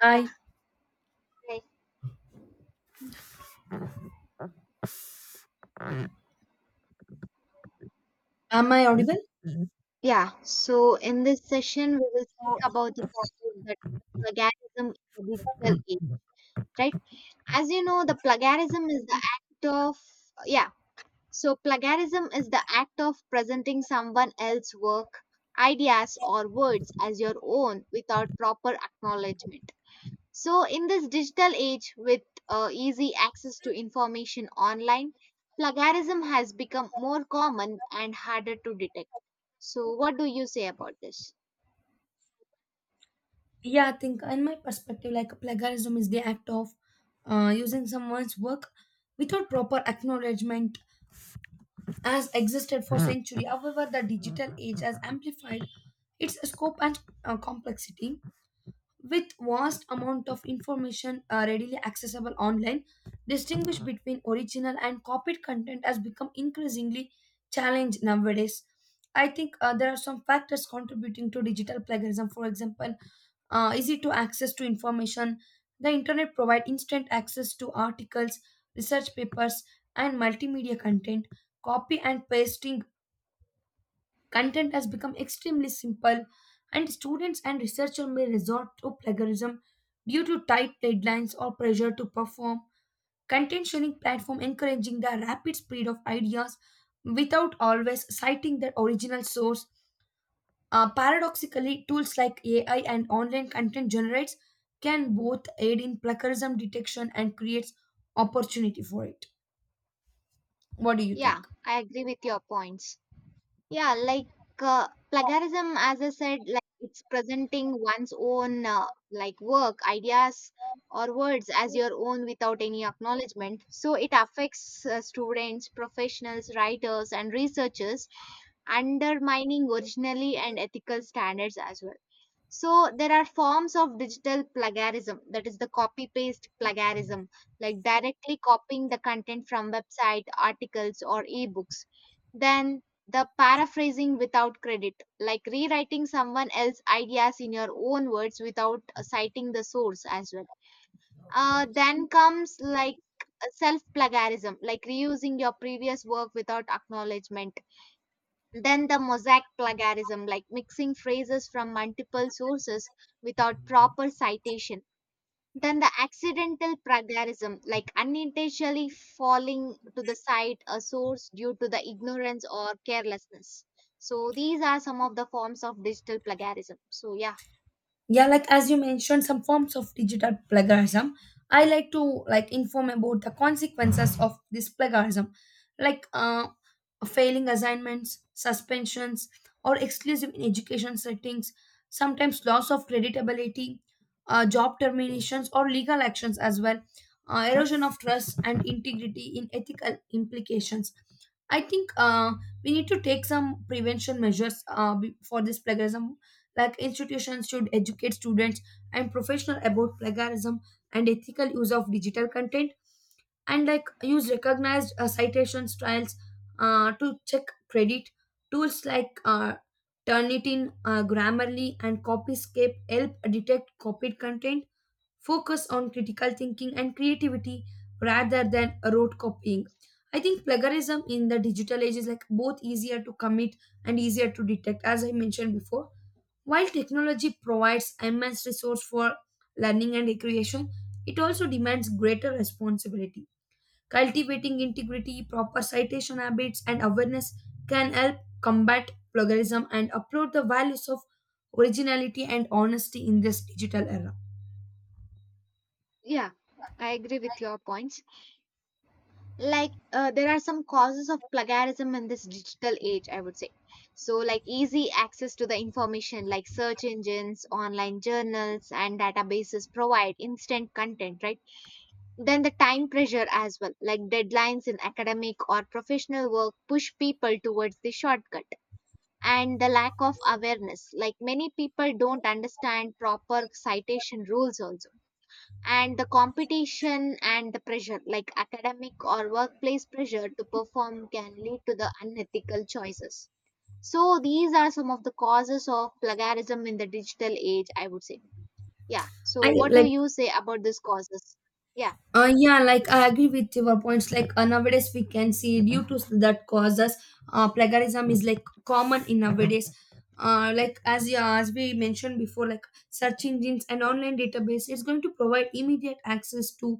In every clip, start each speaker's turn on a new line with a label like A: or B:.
A: I
B: Yeah, right.
A: am I audible?
B: Yeah. So in this session, we will speak
A: So,
B: about the topic that plagiarism in the digital age, right? As you know, the plagiarism is the act of yeah. So plagiarism is the act of presenting someone else's work, ideas, or words as your own without proper acknowledgement. So, in this digital age with easy access to information online, plagiarism has become more common and harder to detect. So, what do you say about this?
A: Yeah, I think in my perspective, like plagiarism is the act of using someone's work without proper acknowledgement as existed for century. However, the digital age has amplified its scope and complexity. With vast amount of information readily accessible online, distinguish between original and copied content has become increasingly challenged nowadays. I think there are some factors contributing to digital plagiarism. For example, easy to access to information. The internet provide instant access to articles, research papers, and multimedia content. Copy and pasting content has become extremely simple, and students and researchers may resort to plagiarism due to tight deadlines or pressure to perform. Content sharing platform encouraging the rapid spread of ideas without always citing their original source. Paradoxically, tools like AI and online content generates can both aid in plagiarism detection and creates opportunity for it. What do you
B: Yeah,
A: think?
B: I agree with your points. Yeah, like plagiarism, as I said, like it's presenting one's own like work, ideas, or words as your own without any acknowledgement. So, it affects students, professionals, writers, and researchers undermining originally and ethical standards as well. So there are forms of digital plagiarism, that is the copy paste plagiarism, like directly copying the content from website, articles, or ebooks. Then the paraphrasing without credit, like rewriting someone else's ideas in your own words without citing the source as well. Then comes like self plagiarism, like reusing your previous work without acknowledgement then the mosaic plagiarism, like mixing phrases from multiple sources without proper citation. Then the accidental plagiarism, like unintentionally falling to the side a source due to the ignorance or carelessness. So these are some of the forms of digital plagiarism. So yeah,
A: Yeah, like as you mentioned some forms of digital plagiarism, I like to inform about the consequences of this plagiarism, like failing assignments, suspensions, or exclusive in education settings, sometimes loss of creditability, job terminations or legal actions as well, erosion of trust and integrity in ethical implications. I think we need to take some prevention measures for this plagiarism, like institutions should educate students and professionals about plagiarism and ethical use of digital content, and like use recognized citations trials to check credit. Tools like Turnitin, Grammarly, and Copyscape help detect copied content, focus on critical thinking and creativity rather than rote copying. I think plagiarism in the digital age is like both easier to commit and easier to detect, as I mentioned before. While technology provides immense resource for learning and recreation, it also demands greater responsibility. Cultivating integrity, proper citation habits, and awareness can help combat plagiarism and uphold the values of originality and honesty in this digital era.
B: yeah, I agree with your points. Like there are some causes of plagiarism in this digital age, I would say. So like easy access to the information, like search engines, online journals, and databases provide instant content, right? Then the time pressure as well, like deadlines in academic or professional work push people towards the shortcut, and the lack of awareness, like many people don't understand proper citation rules also, and the competition and the pressure, like academic or workplace pressure to perform can lead to the unethical choices. So these are some of the causes of plagiarism in the digital age, I would say. Yeah,
A: I
B: so what do
A: like
B: you say about these causes? Yeah,
A: Yeah, like I agree with your points. Like nowadays, we can see due to that causes, plagiarism is like common in nowadays. As we mentioned before, like search engines and online database is going to provide immediate access to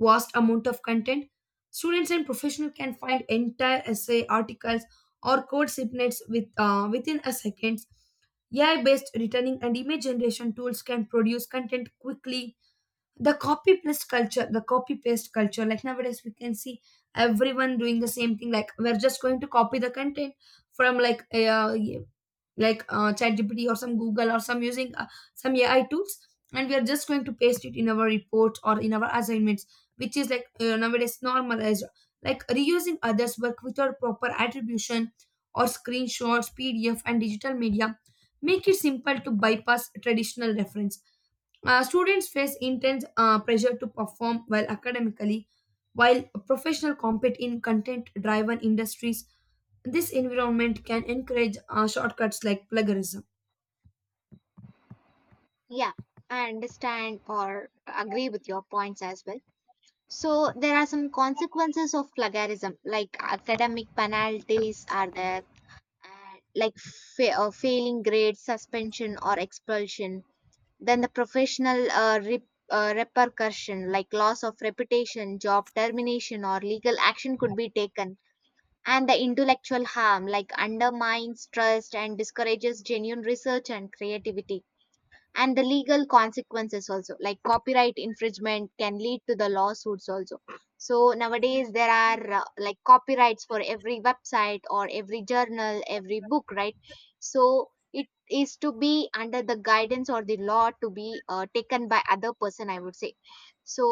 A: vast amount of content. Students and professionals can find entire essay, articles, or code snippets with within a seconds. AI-based returning and image generation tools can produce content quickly. The copy paste culture, like nowadays we can see everyone doing the same thing, like we're just going to copy the content from like ChatGPT or some Google or some using some AI tools, and we are just going to paste it in our report or in our assignments, which is like nowadays normalized, like reusing others work without proper attribution or screenshots pdf and digital media make it simple to bypass traditional reference. Students face intense pressure to perform well academically, while professionals compete in content driven industries. This environment can encourage shortcuts like plagiarism.
B: yeah, I understand or agree with your points as well. So there are some consequences of plagiarism like academic penalties are there, like failing grades, suspension, or expulsion. Then the professional repercussion, like loss of reputation, job termination, or legal action could be taken. And the intellectual harm like undermines trust and discourages genuine research and creativity, and the legal consequences also, like copyright infringement can lead to the lawsuits also. So nowadays there are like copyrights for every website or every journal, every book, right? So it is to be under the guidance or the law to be taken by other person, I would say. So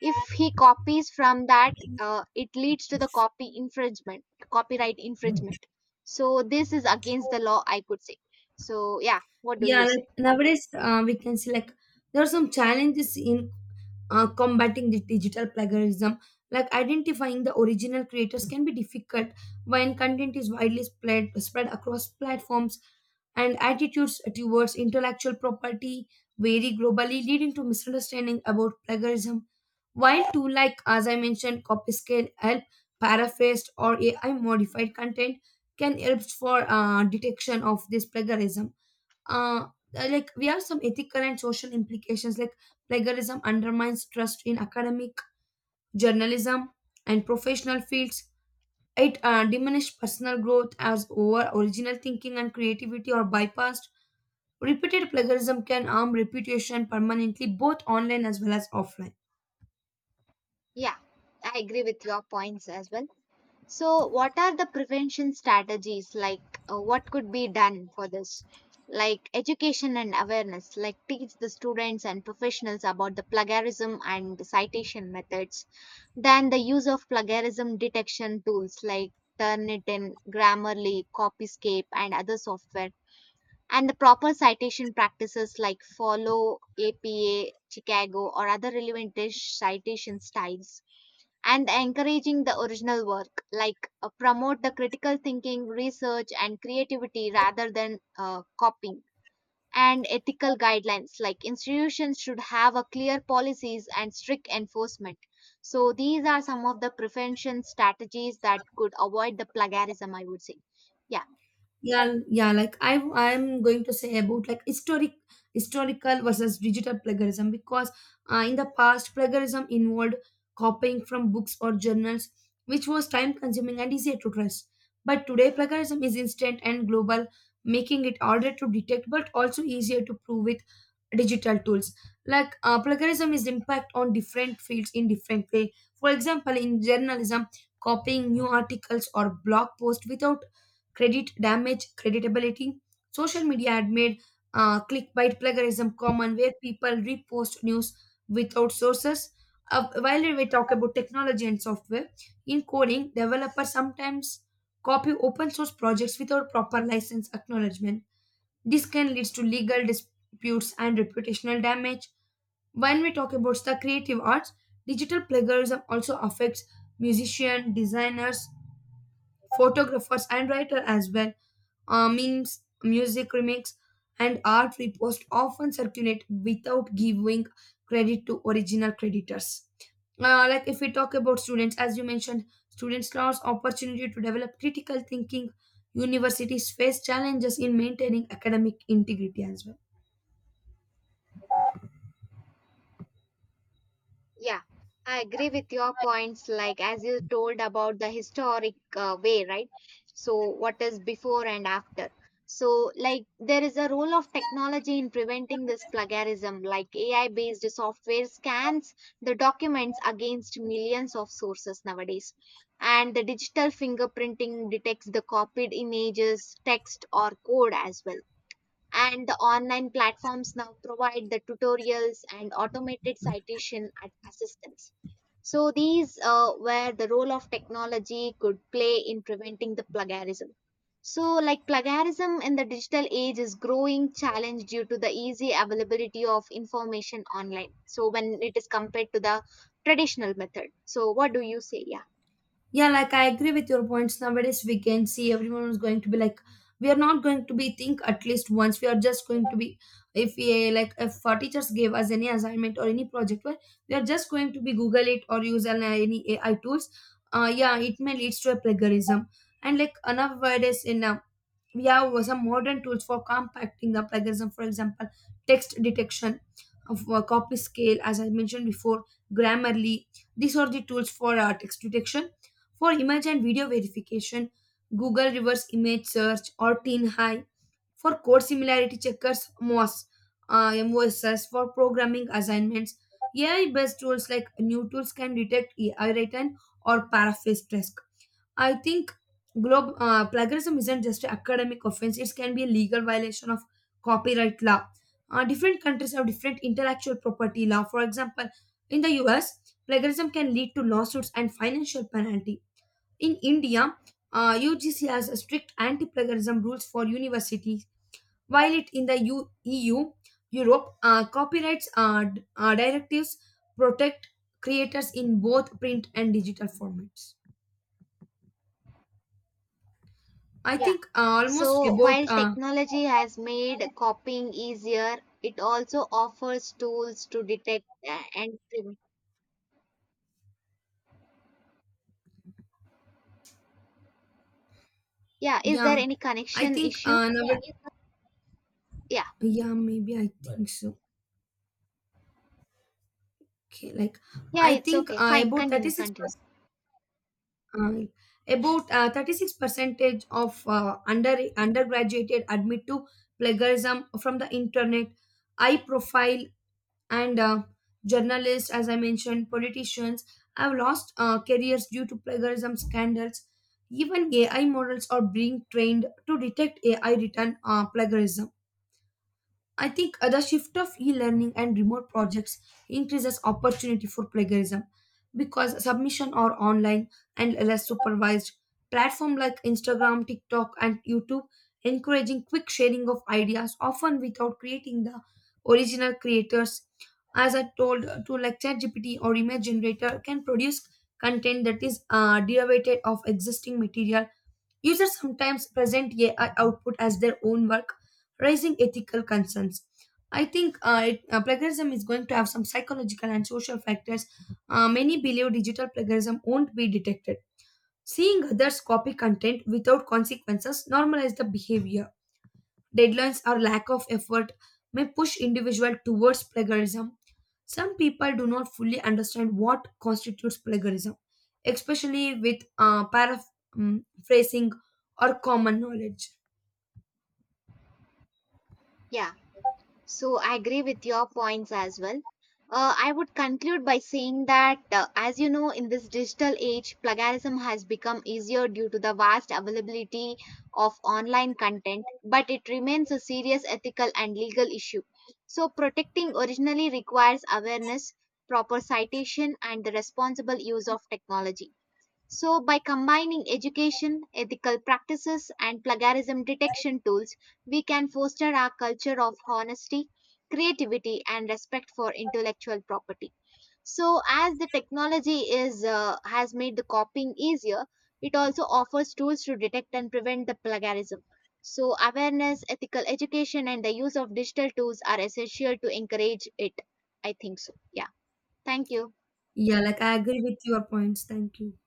B: if he copies from that, it leads to the copy infringement, copyright infringement. So this is against the law, I could say. So yeah, what do
A: Yeah,
B: you
A: like
B: say?
A: nowadays we can see like there are some challenges in combating the digital plagiarism, like identifying the original creators can be difficult when content is widely spread across platforms, and attitudes towards intellectual property vary globally, leading to misunderstanding about plagiarism. While too, like as I mentioned, copy scale help paraphrased or AI modified content can help for detection of this plagiarism. uh, like we have some ethical and social implications, like plagiarism undermines trust in academic, journalism, and professional fields. It diminished personal growth as over original thinking and creativity are bypassed. Repeated plagiarism can harm reputation permanently, both online as well as offline.
B: Yeah, I agree with your points as well. So, what are the prevention strategies? Like, what could be done for this? Like, education and awareness, like, teach the students and professionals about the plagiarism and the citation methods. Then, the use of plagiarism detection tools like Turnitin, Grammarly, Copyscape, and other software. And the proper citation practices like follow APA, Chicago, or other relevant citation styles, and encouraging the original work, like promote the critical thinking, research, and creativity rather than copying, and ethical guidelines like institutions should have a clear policies and strict enforcement. So these are some of the prevention strategies that could avoid the plagiarism, I would say. Yeah.
A: Yeah. Like I'm going to say about like historical versus digital plagiarism, because in the past plagiarism involved copying from books or journals, which was time consuming and easier to trace, but today plagiarism is instant and global, making it harder to detect but also easier to prove with digital tools. Like plagiarism is impact on different fields in different way. For example, in journalism, copying new articles or blog posts without credit damage, creditability. Social media had made clickbait plagiarism common, where people repost news without sources. While we talk about technology and software, in coding, developers sometimes copy open source projects without proper license acknowledgement. This can lead to legal disputes and reputational damage. When we talk about the creative arts, digital plagiarism also affects musicians, designers, photographers, and writer as well. Memes, music remix, and art reposts often circulate without giving credit to original creditors. Like if we talk about students, as you mentioned, students lost opportunity to develop critical thinking. Universities face challenges in maintaining academic integrity as well.
B: Yeah, I agree with your points. Like as you told about the historic way, right? So what is before and after? So like there is a role of technology in preventing this plagiarism. Like AI-based software scans the documents against millions of sources nowadays, and the digital fingerprinting detects the copied images, text, or code as well, and the online platforms now provide the tutorials and automated citation at assistance. So these where the role of technology could play in preventing the plagiarism. So like plagiarism in the digital age is growing challenge due to the easy availability of information online, so when it is compared to the traditional method, so what do you say? Yeah.
A: Yeah, like I agree with your points. Nowadays, we can see everyone is going to be like, we are not going to be think at least once. We are just going to be, if we like, if our teachers gave us any assignment or any project, well, we are just going to be Google it or any AI tools. Yeah, it may leads to a plagiarism. And like nowadays in we have some modern tools for compacting the plagiarism. For example, text detection of copy scale as I mentioned before, Grammarly. These are the tools for text detection. For image and video verification, Google reverse image search or teen high. For code similarity checkers, MOSS for programming assignments. AI based tools like new tools can detect AI written or paraphrase text. I think plagiarism isn't just an academic offense, it can be a legal violation of copyright law. Different countries have different intellectual property law. For example, in the US, plagiarism can lead to lawsuits and financial penalty. In India, UGC has strict anti-plagiarism rules for universities, while it in the EU, Europe, copyrights directives protect creators in both print and digital formats. I
B: Yeah.
A: think almost
B: So
A: about
B: while technology has made copying easier, it also offers tools to detect and prevent. Yeah. Is there
A: yeah.
B: any
A: I
B: connection
A: think
B: issue?
A: now
B: Yeah.
A: yeah maybe I think so. Okay, like
B: Yeah.
A: I
B: It's
A: think
B: okay. Fine.
A: about thirty
B: Continue.
A: six
B: Continue.
A: percent uh, about 36 percentage of undergraduate admit to plagiarism from the internet. High profile and journalists, as I mentioned, politicians have lost careers due to plagiarism scandals. Even AI models are being trained to detect AI written plagiarism. I think the shift of e-learning and remote projects increases opportunity for plagiarism because submission are online and less supervised. Platform like Instagram, TikTok, and YouTube encouraging quick sharing of ideas, often without creating the original creators. As I told, to like ChatGPT or image generator can produce content that is derivative of existing material. Users sometimes present AI output as their own work, raising ethical concerns. I think plagiarism is going to have some psychological and social factors. Many believe digital plagiarism won't be detected. Seeing others copy content without consequences normalize the behavior. Deadlines or lack of effort may push individuals towards plagiarism. Some people do not fully understand what constitutes plagiarism, especially with paraphrasing or common knowledge.
B: Yeah. So I agree with your points as well. I would conclude by saying that, as you know, in this digital age, plagiarism has become easier due to the vast availability of online content, but it remains a serious ethical and legal issue. So, protecting originally requires awareness, proper citation, and the responsible use of technology. So, by combining education, ethical practices, and plagiarism detection tools, we can foster our culture of honesty, creativity, and respect for intellectual property. So, as the technology is has made the copying easier, it also offers tools to detect and prevent the plagiarism. So, awareness, ethical education, and the use of digital tools are essential to encourage it. I think so. Yeah. Thank you.
A: Yeah, like I agree with your points. Thank you.